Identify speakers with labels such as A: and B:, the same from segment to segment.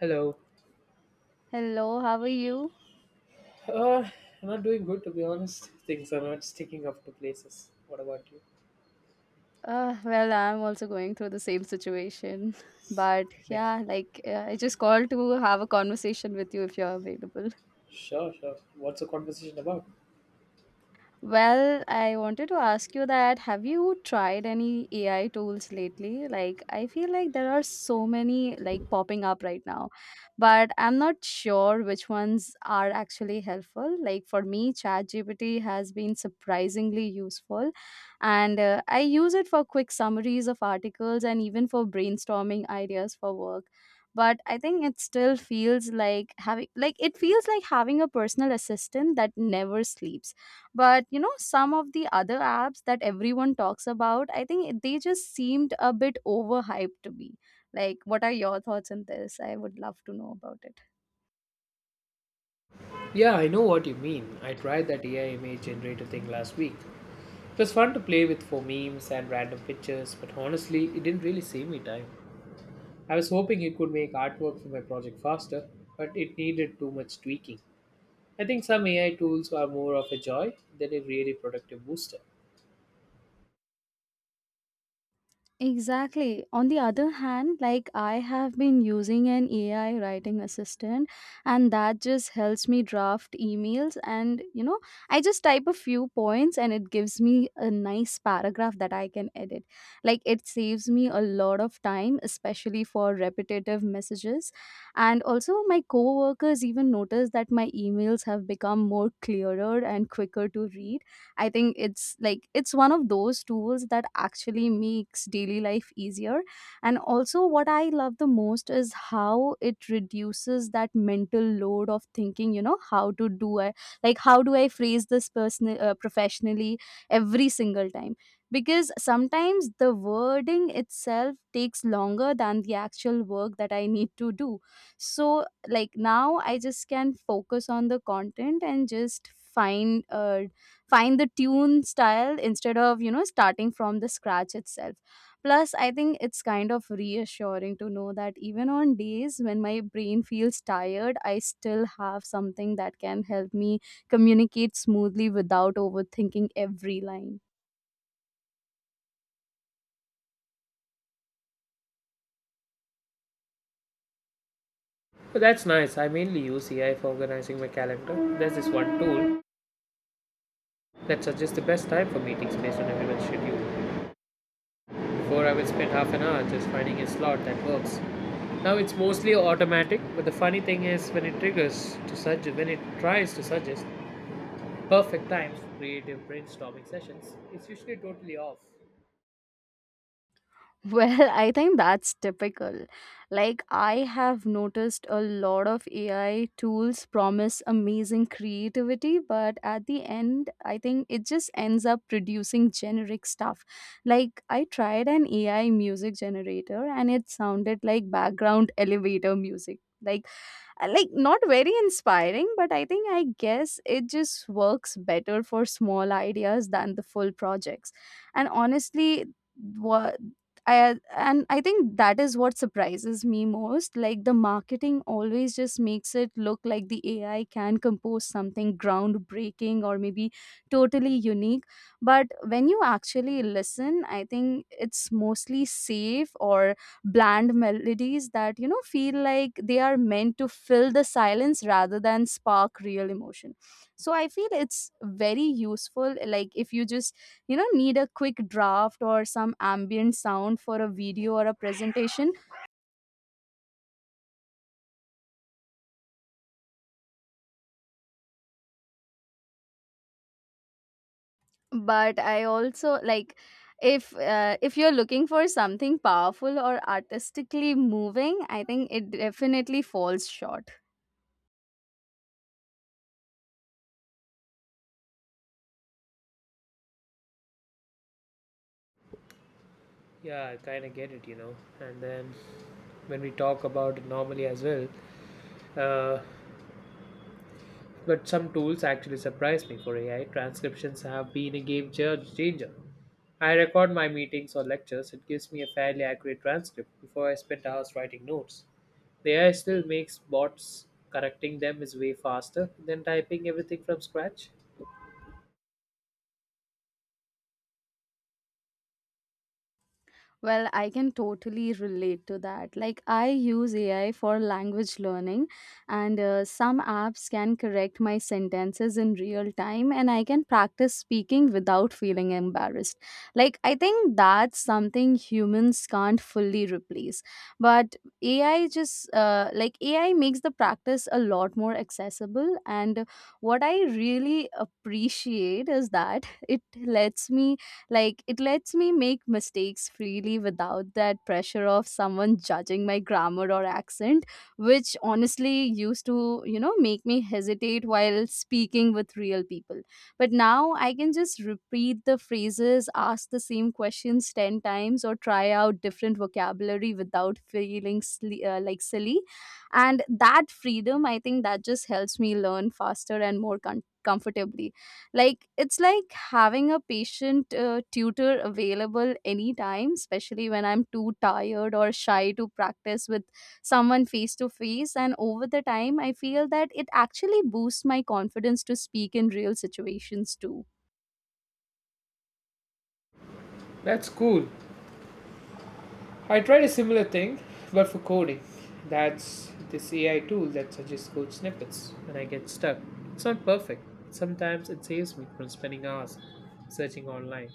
A: Hello.
B: Hello, how are you?
A: Uh, I'm not doing good to be honest. Things are not sticking up to places. What about you?
B: Well, I'm also going through the same situation. But
A: Okay, next.
B: yeah, I just called to have a conversation with you if you're available.
A: Sure. What's the conversation about?
B: Well, I wanted to ask you that have you tried any AI tools lately? Like I feel like there are so many like popping up right now, but I'm not sure which ones are actually helpful. Like for me, ChatGPT has been surprisingly useful and I use it for quick summaries of articles and even for brainstorming ideas for work. But I think it still feels like having like it feels like having a personal assistant that never sleeps, but you know, some of the other apps that everyone talks about, I think they just seemed a bit overhyped to me. Like, what are your thoughts on this? I would love to know about it.
A: Yeah, I know what you mean. I tried that AI image generator thing last week. It was fun to play with for memes and random pictures, but honestly, it didn't really save me time. I was hoping it could make artwork for my project faster, but it needed too much tweaking. I think some AI tools are more of a joy than a really productive booster.
B: Exactly. On the other hand, like I have been using an AI writing assistant, and that just helps me draft emails. And you know, I just type a few points and it gives me a nice paragraph that I can edit. Like it saves me a lot of time, especially for repetitive messages. And also, my coworkers even notice that my emails have become more clearer and quicker to read. I think it's one of those tools that actually makes daily life easier. And also, what I love the most is how it reduces that mental load of thinking, you know, how do I phrase this personal professionally every single time, because sometimes the wording itself takes longer than the actual work that I need to do. So, like now, I just can focus on the content and just find the tune style instead of, you know, starting from the scratch itself. Plus I think it's kind of reassuring to know that even on days when my brain feels tired, I still have something that can help me communicate smoothly without overthinking every line.
A: But that's nice. I mainly use AI for organizing my calendar. There's this one tool that suggests the best time for meetings based on everyone's schedule. Before, I would spend half an hour just finding a slot that works. Now it's mostly automatic, but the funny thing is when it tries to suggest perfect times for creative brainstorming sessions, it's usually totally off.
B: Well, I think that's typical. Like, I have noticed a lot of AI tools promise amazing creativity, but at the end, I think it just ends up producing generic stuff. Like, I tried an AI music generator and it sounded like background elevator music. Like, not very inspiring, but I think I guess it just works better for small ideas than the full projects. And honestly, what I, and I think that is what surprises me most. Like the marketing always just makes it look like the AI can compose something groundbreaking or maybe totally unique. But when you actually listen, I think it's mostly safe or bland melodies that, you know, feel like they are meant to fill the silence rather than spark real emotion. So I feel it's very useful, like if you just, you know, need a quick draft or some ambient sound for a video or a presentation, but I also like, if you're looking for something powerful or artistically moving, I think it definitely falls short.
A: Yeah, I kind of get it, you know. And then when we talk about it normally as well, uh, but some tools actually surprise me. For AI transcriptions have been a changer. I record my meetings or lectures, it gives me a fairly accurate transcript before I spend hours writing notes. The AI still makes bots, correcting them is way faster than typing everything from scratch.
B: Well, I can totally relate to that. Like, I use AI for language learning, and some apps can correct my sentences in real time, and I can practice speaking without feeling embarrassed. Like, I think that's something humans can't fully replace. But AI makes the practice a lot more accessible. And what I really appreciate is that it lets me make mistakes freely without that pressure of someone judging my grammar or accent, which honestly used to, you know, make me hesitate while speaking with real people. But now I can just repeat the phrases, ask the same questions 10 times, or try out different vocabulary without feeling like silly. And that freedom, I think that just helps me learn faster and more comfortably. Like it's like having a patient tutor available anytime, especially when I'm too tired or shy to practice with someone face to face. And over the time I feel that it actually boosts my confidence to speak in real situations too.
A: That's cool. I tried a similar thing, but for coding. That's this AI tool that suggests code snippets when I get stuck. It's not perfect. Sometimes it saves me from spending hours searching online.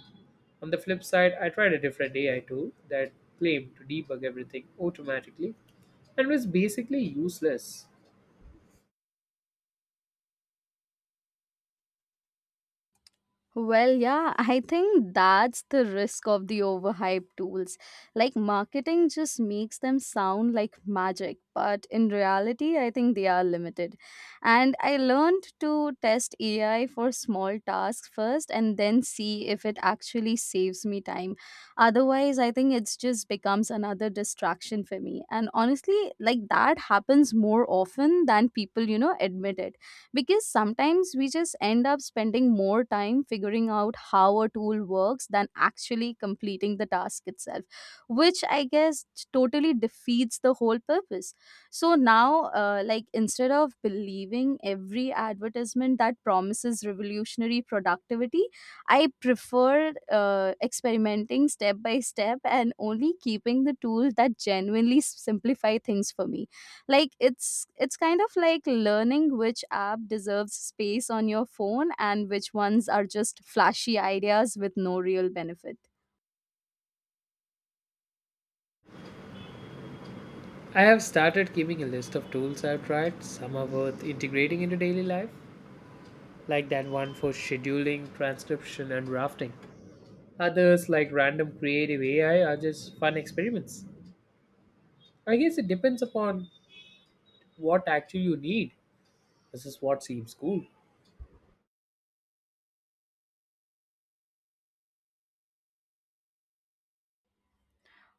A: On the flip side, I tried a different AI tool that claimed to debug everything automatically and was basically useless.
B: Well, yeah, I think that's the risk of the overhyped tools. Like, marketing just makes them sound like magic, but in reality, I think they are limited. And I learned to test AI for small tasks first and then see if it actually saves me time. Otherwise, I think it's just becomes another distraction for me. And honestly, like, that happens more often than people, you know, admit it, because sometimes we just end up spending more time figuring out how a tool works than actually completing the task itself, which I guess totally defeats the whole purpose. So now like instead of believing every advertisement that promises revolutionary productivity, I prefer experimenting step by step and only keeping the tool that genuinely simplify things for me. Like it's kind of like learning which app deserves space on your phone and which ones are just flashy ideas with no real benefit.
A: I have started keeping a list of tools I've tried. Some are worth integrating into daily life, like that one for scheduling, transcription, and drafting. Others, like random creative AI, are just fun experiments. I guess it depends upon what actually you need. This is what seems cool.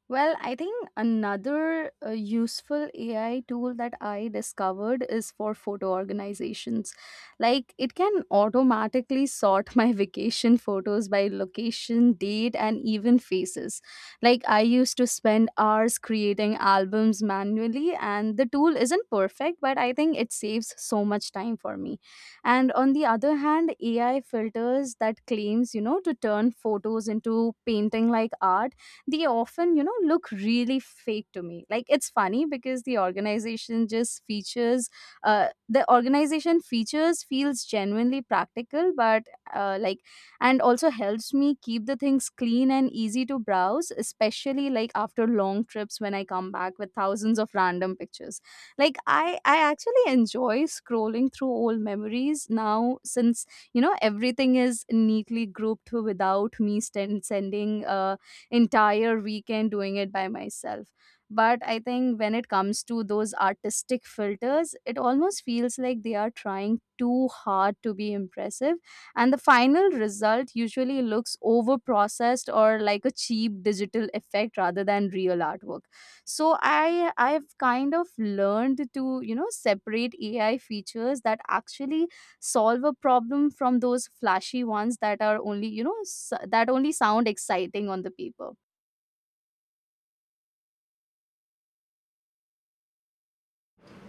B: Well, I think another useful AI tool that I discovered is for photo organizations. Like, it can automatically sort my vacation photos by location, date, and even faces. Like, I used to spend hours creating albums manually, and the tool isn't perfect, but I think it saves so much time for me. And on the other hand, AI filters that claims, you know, to turn photos into painting like art, they often, you know, look really fake to me. Like it's funny because the organization features feels genuinely practical, uh, like, and also helps me keep the things clean and easy to browse, especially like after long trips when I come back with thousands of random pictures. Like I actually enjoy scrolling through old memories now since, you know, everything is neatly grouped without me sending entire weekend doing it by myself. But I think when it comes to those artistic filters, it almost feels like they are trying too hard to be impressive. And the final result usually looks over processed or like a cheap digital effect rather than real artwork. So I've kind of learned to, you know, separate AI features that actually solve a problem from those flashy ones that are only you know s- that only, sound exciting on the paper.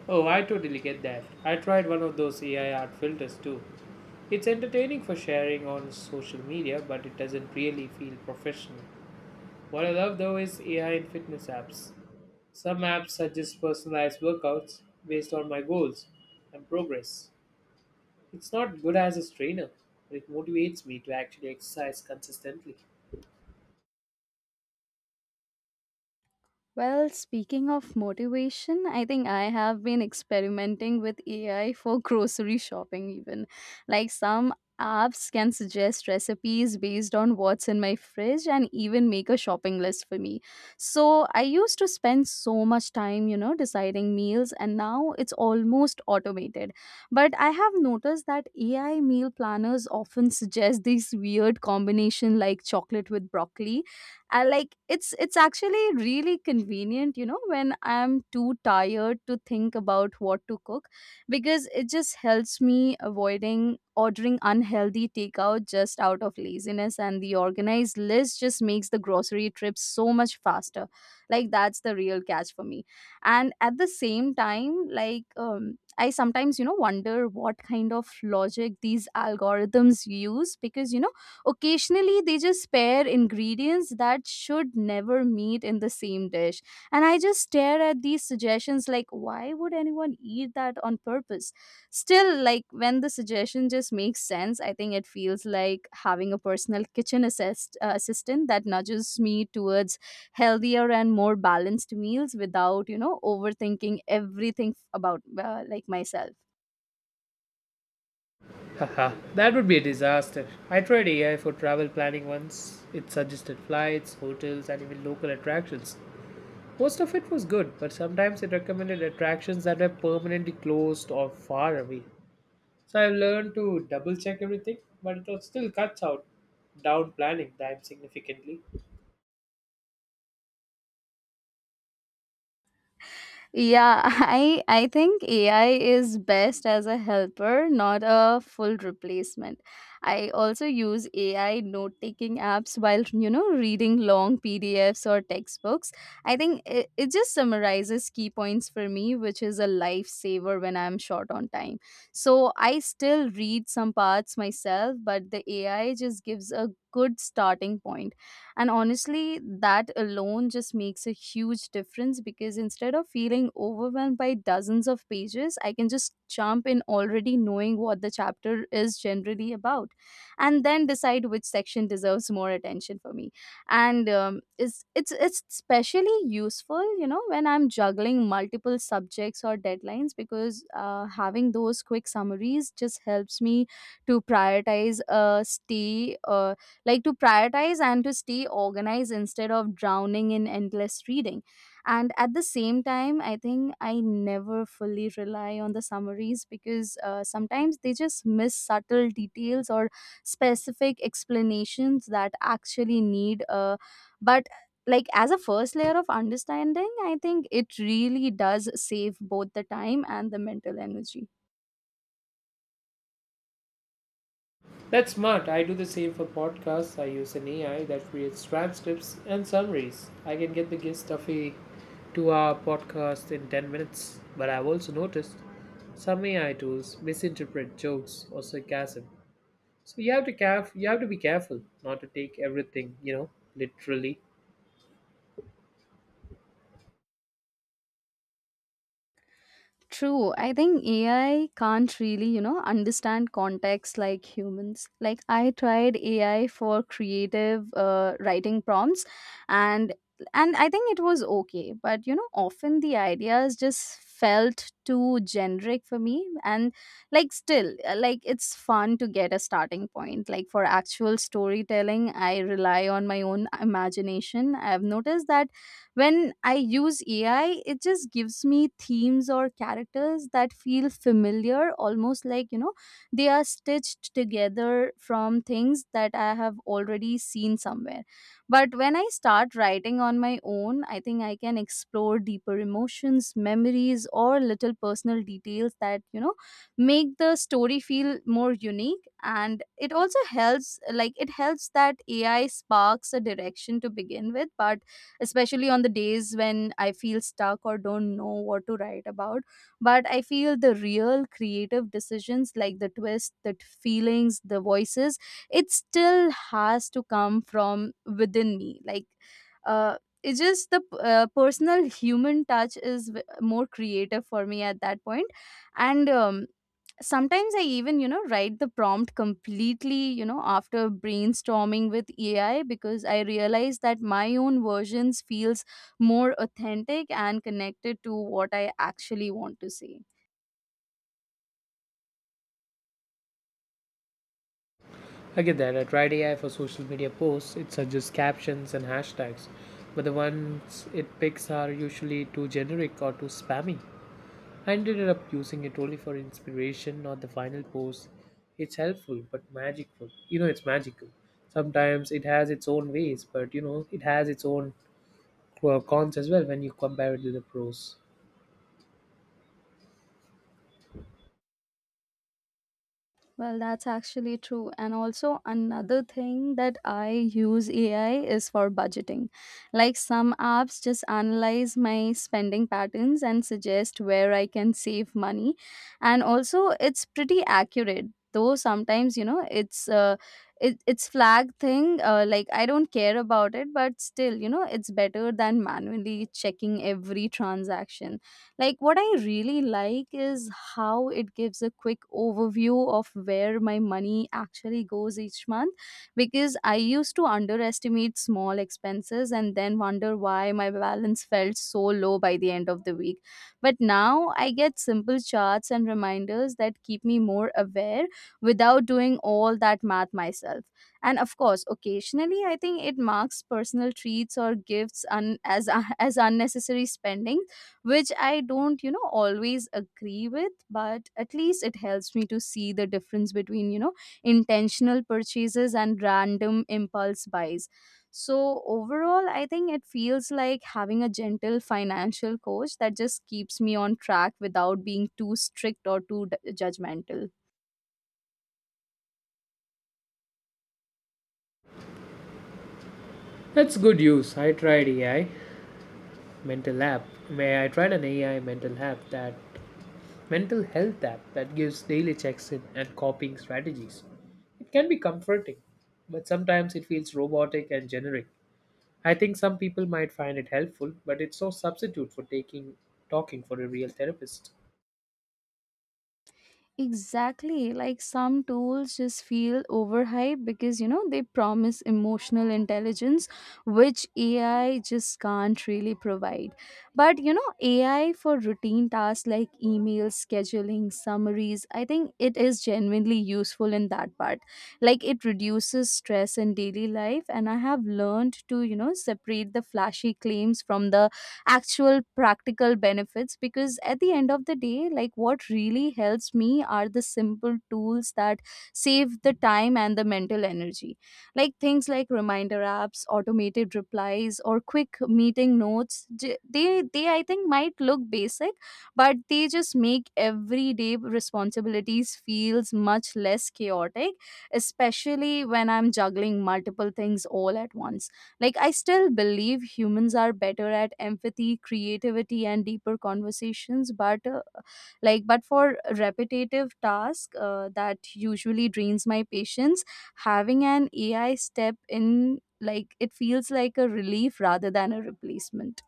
A: Oh, I totally get that. I tried one of those AI art filters too. It's entertaining for sharing on social media, but it doesn't really feel professional. What I love though is AI in fitness apps. Some apps suggest personalized workouts based on my goals and progress. It's not good as a trainer, but it motivates me to actually exercise consistently.
B: Well, speaking of motivation, I think I have been experimenting with AI for grocery shopping, even. Like some apps can suggest recipes based on what's in my fridge and even make a shopping list for me. So I used to spend so much time, you know, deciding meals, and now it's almost automated. But I have noticed that AI meal planners often suggest these weird combination like chocolate with broccoli. I like It's actually really convenient, you know, when I'm too tired to think about what to cook, because it just helps me avoiding ordering unhealthy takeout just out of laziness, and the organized list just makes the grocery trip so much faster. Like that's the real catch for me. And at the same time, I sometimes, you know, wonder what kind of logic these algorithms use because, you know, occasionally, they just pair ingredients that should never meet in the same dish. And I just stare at these suggestions like, why would anyone eat that on purpose? Still, like, when the suggestion just makes sense, I think it feels like having a personal assistant that nudges me towards healthier and more balanced meals without, you know, overthinking everything about myself.
A: Haha, that would be a disaster. I tried AI for travel planning once. It suggested flights, hotels, and even local attractions. Most of it was good, but sometimes it recommended attractions that were permanently closed or far away. So I have learned to double check everything, but it was still cuts out down planning time significantly.
B: Yeah, I think AI is best as a helper, not a full replacement. I also use AI note-taking apps while, you know, reading long PDFs or textbooks. I think it just summarizes key points for me, which is a lifesaver when I'm short on time. So I still read some parts myself, but the AI just gives a good starting point. And honestly, that alone just makes a huge difference, because instead of feeling overwhelmed by dozens of pages, I can just jump in already knowing what the chapter is generally about, and then decide which section deserves more attention for me. And it's especially useful, you know, when I'm juggling multiple subjects or deadlines, because having those quick summaries just helps me to prioritize a stay. Uh, to prioritize and to stay organized instead of drowning in endless reading. And at the same time, I think I never fully rely on the summaries, because sometimes they just miss subtle details or specific explanations that actually need. But like as a first layer of understanding, I think it really does save both the time and the mental energy.
A: That's smart. I do the same for podcasts. I use an AI that creates transcripts and summaries. I can get the gist of a 2 hour podcast in 10 minutes, but I've also noticed some AI tools misinterpret jokes or sarcasm. So you have to you have to be careful not to take everything, you know, literally.
B: True. I think AI can't really, you know, understand context like humans. Like I tried AI for creative writing prompts and and I think it was okay, but you know, often the ideas just felt too generic for me and like still like it's fun to get a starting point. Like for actual storytelling, I rely on my own imagination. I've noticed that when I use AI, it just gives me themes or characters that feel familiar, almost like, you know, they are stitched together from things that I have already seen somewhere. But when I start writing on my own, I think I can explore deeper emotions, memories, or little personal details that, you know, make the story feel more unique, and it also helps, like it helps that AI sparks a direction to begin with, but especially on the days when I feel stuck or don't know what to write about. But I feel the real creative decisions, like the twist, the feelings, the voices, it still has to come from within me. Like, uh, it's just the personal human touch is more creative for me at that point, and sometimes I even, you know, write the prompt completely, after brainstorming with AI, because I realize that my own versions feels more authentic and connected to what I actually want to say.
A: I get that. I tried AI for social media posts. It suggests captions and hashtags, but the ones it picks are usually too generic or too spammy. I ended up using it only for inspiration, not the final post. It's helpful but magical. You know, it's magical. Sometimes it has its own ways, but you know, it has its own cons as well when you compare it to the pros.
B: Well, that's actually true. And also, another thing that I use AI is for budgeting. Like some apps just analyze my spending patterns and suggest where I can save money. And also, it's pretty accurate. Though sometimes, it's it's flag thing. Like I don't care about it, but still, you know, it's better than manually checking every transaction. Like, what I really like is how it gives a quick overview of where my money actually goes each month, because I used to underestimate small expenses and then wonder why my balance felt so low by the end of the week. But now I get simple charts and reminders that keep me more aware without doing all that math myself. And of course, occasionally I think it marks personal treats or gifts as as unnecessary spending, which I don't, you know, always agree with, but at least it helps me to see the difference between, you know, intentional purchases and random impulse buys. So, overall, I think it feels like having a gentle financial coach that just keeps me on track without being too strict or too judgmental.
A: That's good use. I tried AI mental app where I tried an AI mental health app that gives daily checks in and coping strategies. It can be comforting, but sometimes it feels robotic and generic. I think some people might find it helpful, but it's no substitute for taking talking for a real therapist.
B: Exactly. Like some tools just feel overhyped because, you know, they promise emotional intelligence, which AI just can't really provide. But, you know, AI for routine tasks like email scheduling, summaries, I think it is genuinely useful in that part. Like it reduces stress in daily life. And I have learned to, you know, separate the flashy claims from the actual practical benefits, because at the end of the day, like what really helps me are the simple tools that save the time and the mental energy, like things like reminder apps, automated replies, or quick meeting notes, they I think might look basic, but they just make everyday responsibilities feels much less chaotic, especially when I'm juggling multiple things all at once. Like, I still believe humans are better at empathy, creativity, and deeper conversations, but but for repetitive task that usually drains my patience, having an AI step in, like, it feels like a relief rather than a replacement.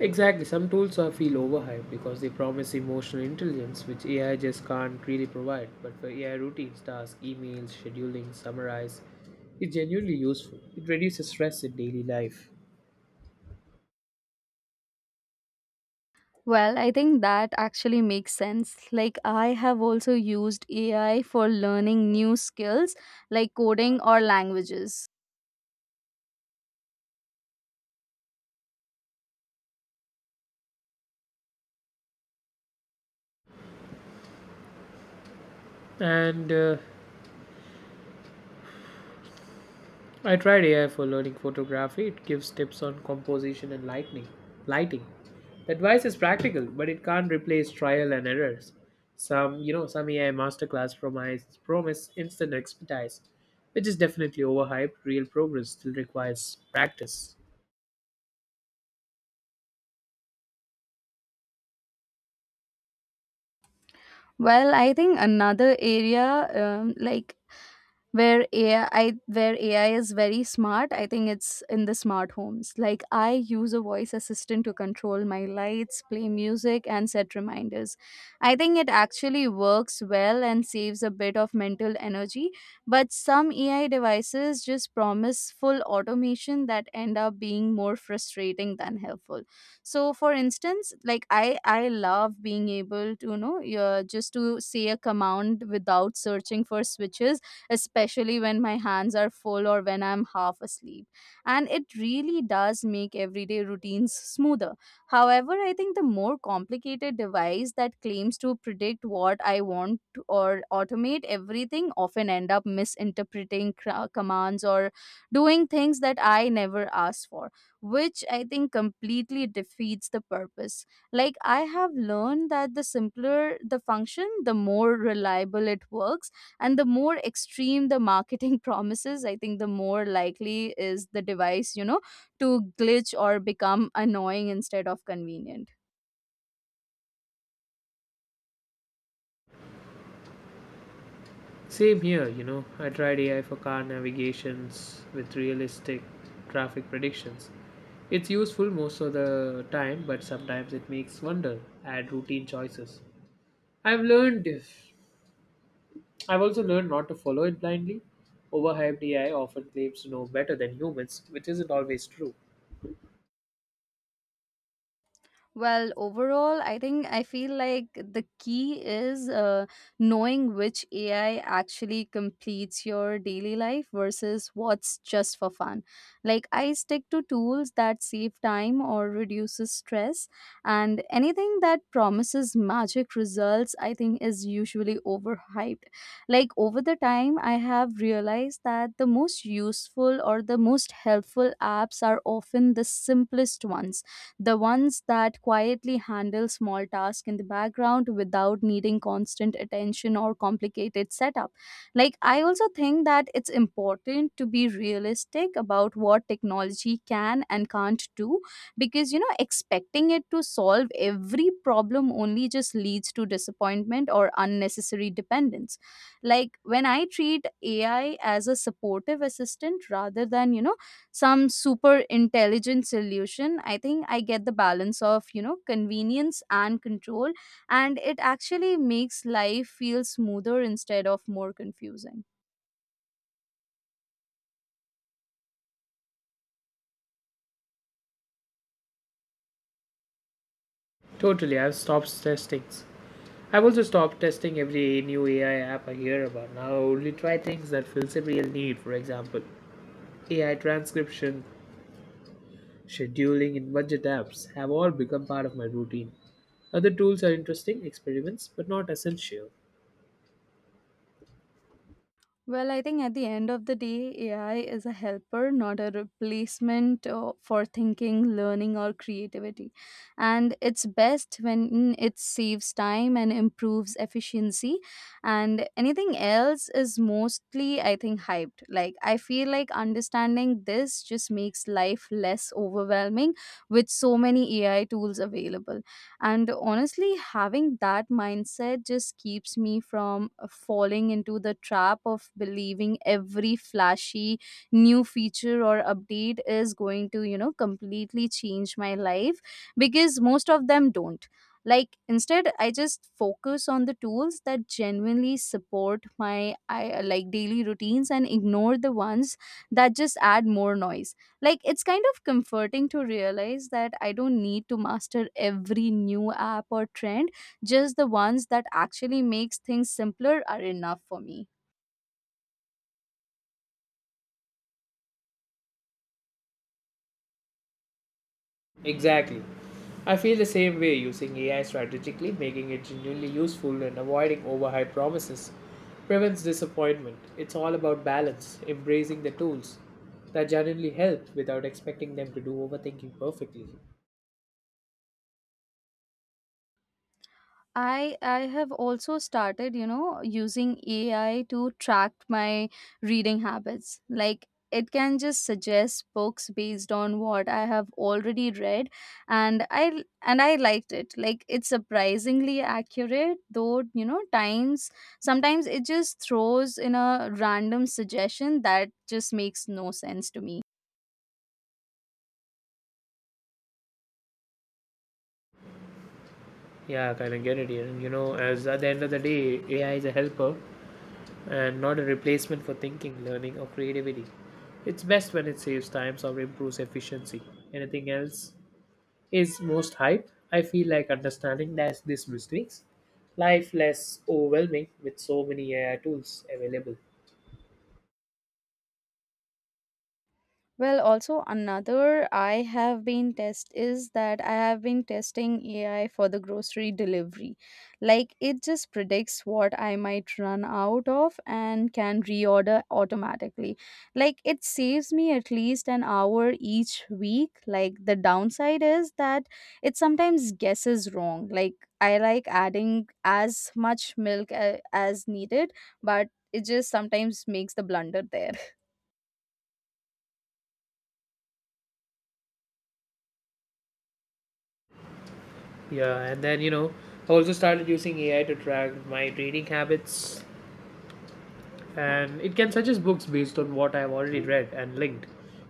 A: Exactly, some tools are feel overhyped because they promise emotional intelligence, which AI just can't really provide. But for AI routines, tasks, emails, scheduling, summarize, it's genuinely useful. It reduces stress in daily life.
B: Well, I think that actually makes sense. Like, I have also used AI for learning new skills like coding or languages.
A: And I tried AI for learning photography. It gives tips on composition and lighting. The advice is practical, but it can't replace trial and errors. Some, you know, some AI masterclass promise instant expertise, which is definitely overhyped. Real progress still requires practice.
B: Well, I think another area, um, like where AI is very smart, I think it's in the smart homes. Like I use a voice assistant to control my lights, play music, and set reminders. I think it actually works well and saves a bit of mental energy. But some AI devices just promise full automation that end up being more frustrating than helpful. So, for instance, like I love being able to, you know, just to say a command without searching for switches, especially when my hands are full or when I'm half asleep. And it really does make everyday routines smoother. However, I think the more complicated device that claims to predict what I want to- or automate everything often end up misinterpreting commands or doing things that I never asked for, which I think completely defeats the purpose. Like, I have learned that the simpler the function, the more reliable it works, and the more extreme the marketing promises, I think the more likely is the device, you know, to glitch or become annoying instead of convenient.
A: Same here, you know. I tried AI for car navigations with realistic traffic predictions. It's useful most of the time, but sometimes it makes wonder, add routine choices. I've learned this. I've also learned not to follow it blindly. Overhyped AI often claims to know better than humans, which isn't always true.
B: Well, overall, I think I feel like the key is knowing which AI actually completes your daily life versus what's just for fun. Like I stick to tools that save time or reduces stress, and anything that promises magic results, I think, is usually overhyped. Like over the time, I have realized that the most useful or the most helpful apps are often the simplest ones, the ones that quietly handle small tasks in the background without needing constant attention or complicated setup. Like, I also think that it's important to be realistic about what technology can and can't do, because, you know, expecting it to solve every problem only just leads to disappointment or unnecessary dependence. Like, when I treat AI as a supportive assistant rather than, you know, some super intelligent solution, I think I get the balance of, you know, convenience and control, and it actually makes life feel smoother instead of more confusing.
A: Totally, I've stopped testing. I've also stopped testing every new AI app I hear about. Now I only try things that fills a real need. For example, AI transcription, scheduling, and budget apps have all become part of my routine. Other tools are interesting experiments, but not essential.
B: Well, I think at the end of the day, AI is a helper, not a replacement for thinking, learning, or creativity. And it's best when it saves time and improves efficiency. And anything else is mostly, I think, hyped. Like, I feel like understanding this just makes life less overwhelming with so many AI tools available. And honestly, having that mindset just keeps me from falling into the trap of believing every flashy new feature or update is going to, you know, completely change my life, because most of them don't. Like, instead, I just focus on the tools that genuinely support my like daily routines, and ignore the ones that just add more noise. Like it's kind of comforting to realize that I don't need to master every new app or trend. Just the ones that actually makes things simpler are enough for me.
A: Exactly. I feel the same way using AI strategically, making it genuinely useful and avoiding overhyped promises prevents disappointment. It's all about balance, embracing the tools that genuinely help without expecting them to do overthinking perfectly.
B: I have also started, you know, using AI to track my reading habits. Like it can just suggest books based on what I have already read, and I liked it. Like it's surprisingly accurate, though, you know, times sometimes it just throws in a random suggestion that just makes no sense to me.
A: Yeah, I kind of get it here. You know, as at the end of the day, AI is a helper and not a replacement for thinking, learning, or creativity. It's best when it saves time or improves efficiency. Anything else is most hype, I feel like understanding that this mistakes life less overwhelming with so many AI tools available.
B: Well, also another I have been test is that I have been testing AI for the grocery delivery. Like it just predicts what I might run out of and can reorder automatically. Like it saves me at least an hour each week. Like the downside is that it sometimes guesses wrong. Like I like adding as much milk as needed, but it just sometimes makes the blunder there.
A: Yeah, and then you know, I also started using AI to track my reading habits, and it can suggest books based on what I've already read and linked.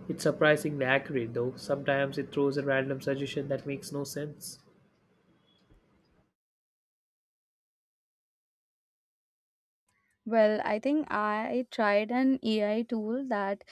A: It's surprisingly accurate though. Sometimes it throws a random suggestion that makes no sense.
B: Well, I think I tried an AI tool that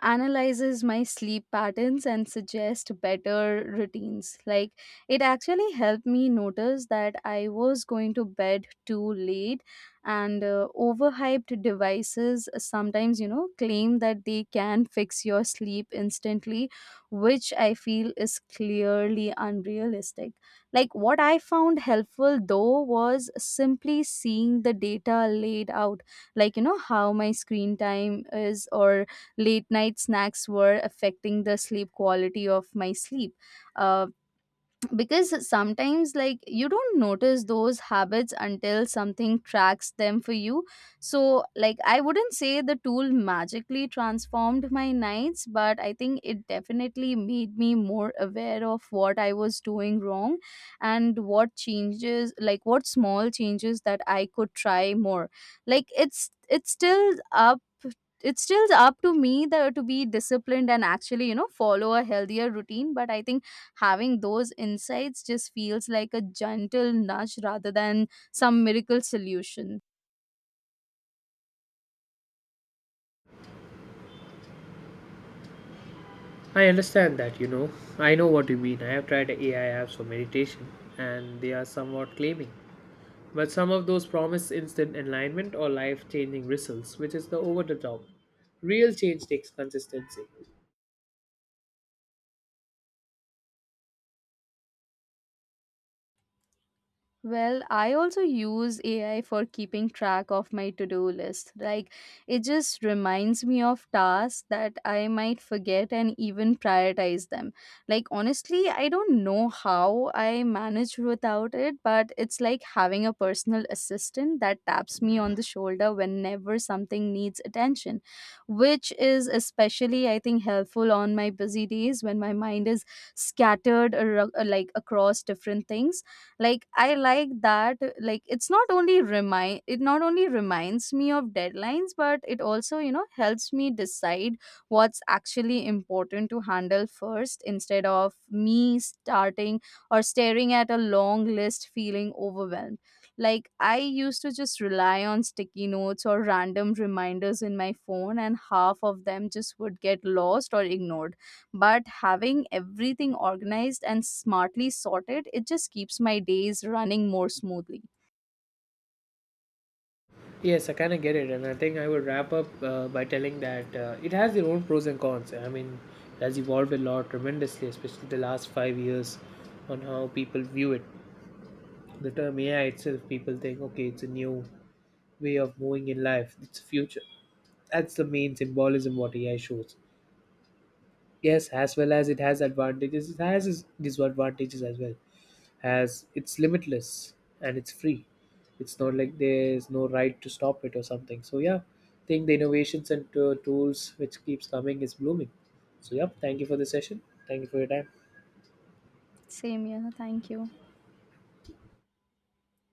B: analyzes my sleep patterns and suggests better routines. Like, it actually helped me notice that I was going to bed too late, and overhyped devices sometimes, you know, claim that they can fix your sleep instantly, which I feel is clearly unrealistic. Like what I found helpful though was simply seeing the data laid out, like you know how my screen time is, or late night snacks were affecting the sleep quality of my sleep, uh, because sometimes like you don't notice those habits until something tracks them for you. So like I wouldn't say the tool magically transformed my nights, but I think it definitely made me more aware of what I was doing wrong and what changes, like what small changes that I could try more. Like it's still up to me that to be disciplined and actually, you know, follow a healthier routine, but I think having those insights just feels like a gentle nudge rather than some miracle solution.
A: I understand that, you know. I know what you mean. I have tried AI apps for meditation, and they are somewhat claiming. But some of those promise instant enlightenment or life changing results, which is the over the top. Real change takes consistency.
B: Well, I also use AI for keeping track of my to do list. Like, it just reminds me of tasks that I might forget and even prioritize them. Like, honestly, I don't know how I manage without it, but it's like having a personal assistant that taps me on the shoulder whenever something needs attention, which is especially, I think, helpful on my busy days when my mind is scattered, like, across different things. Like I like that, like it not only reminds me of deadlines, but it also, you know, helps me decide what's actually important to handle first instead of me starting or staring at a long list feeling overwhelmed. Like I used to just rely on sticky notes or random reminders in my phone and half of them just would get lost or ignored, but having everything organized and smartly sorted, it just keeps my days running more smoothly.
A: Yes, I kind of get it, and I think I would wrap up by telling that it has their own pros and cons. I mean, it has evolved a lot tremendously, especially the last 5 years on how people view it. The term AI itself, people think, okay, it's a new way of moving in life, it's a future. That's the main symbolism what AI shows. Yes, as well as it has advantages, it has its disadvantages as well as it's limitless and it's free. It's not like there's no right to stop it or something. So yeah, I think the innovations and tools which keeps coming is blooming. So yeah, thank you for the session. Thank you for your time.
B: Same, here. Thank you.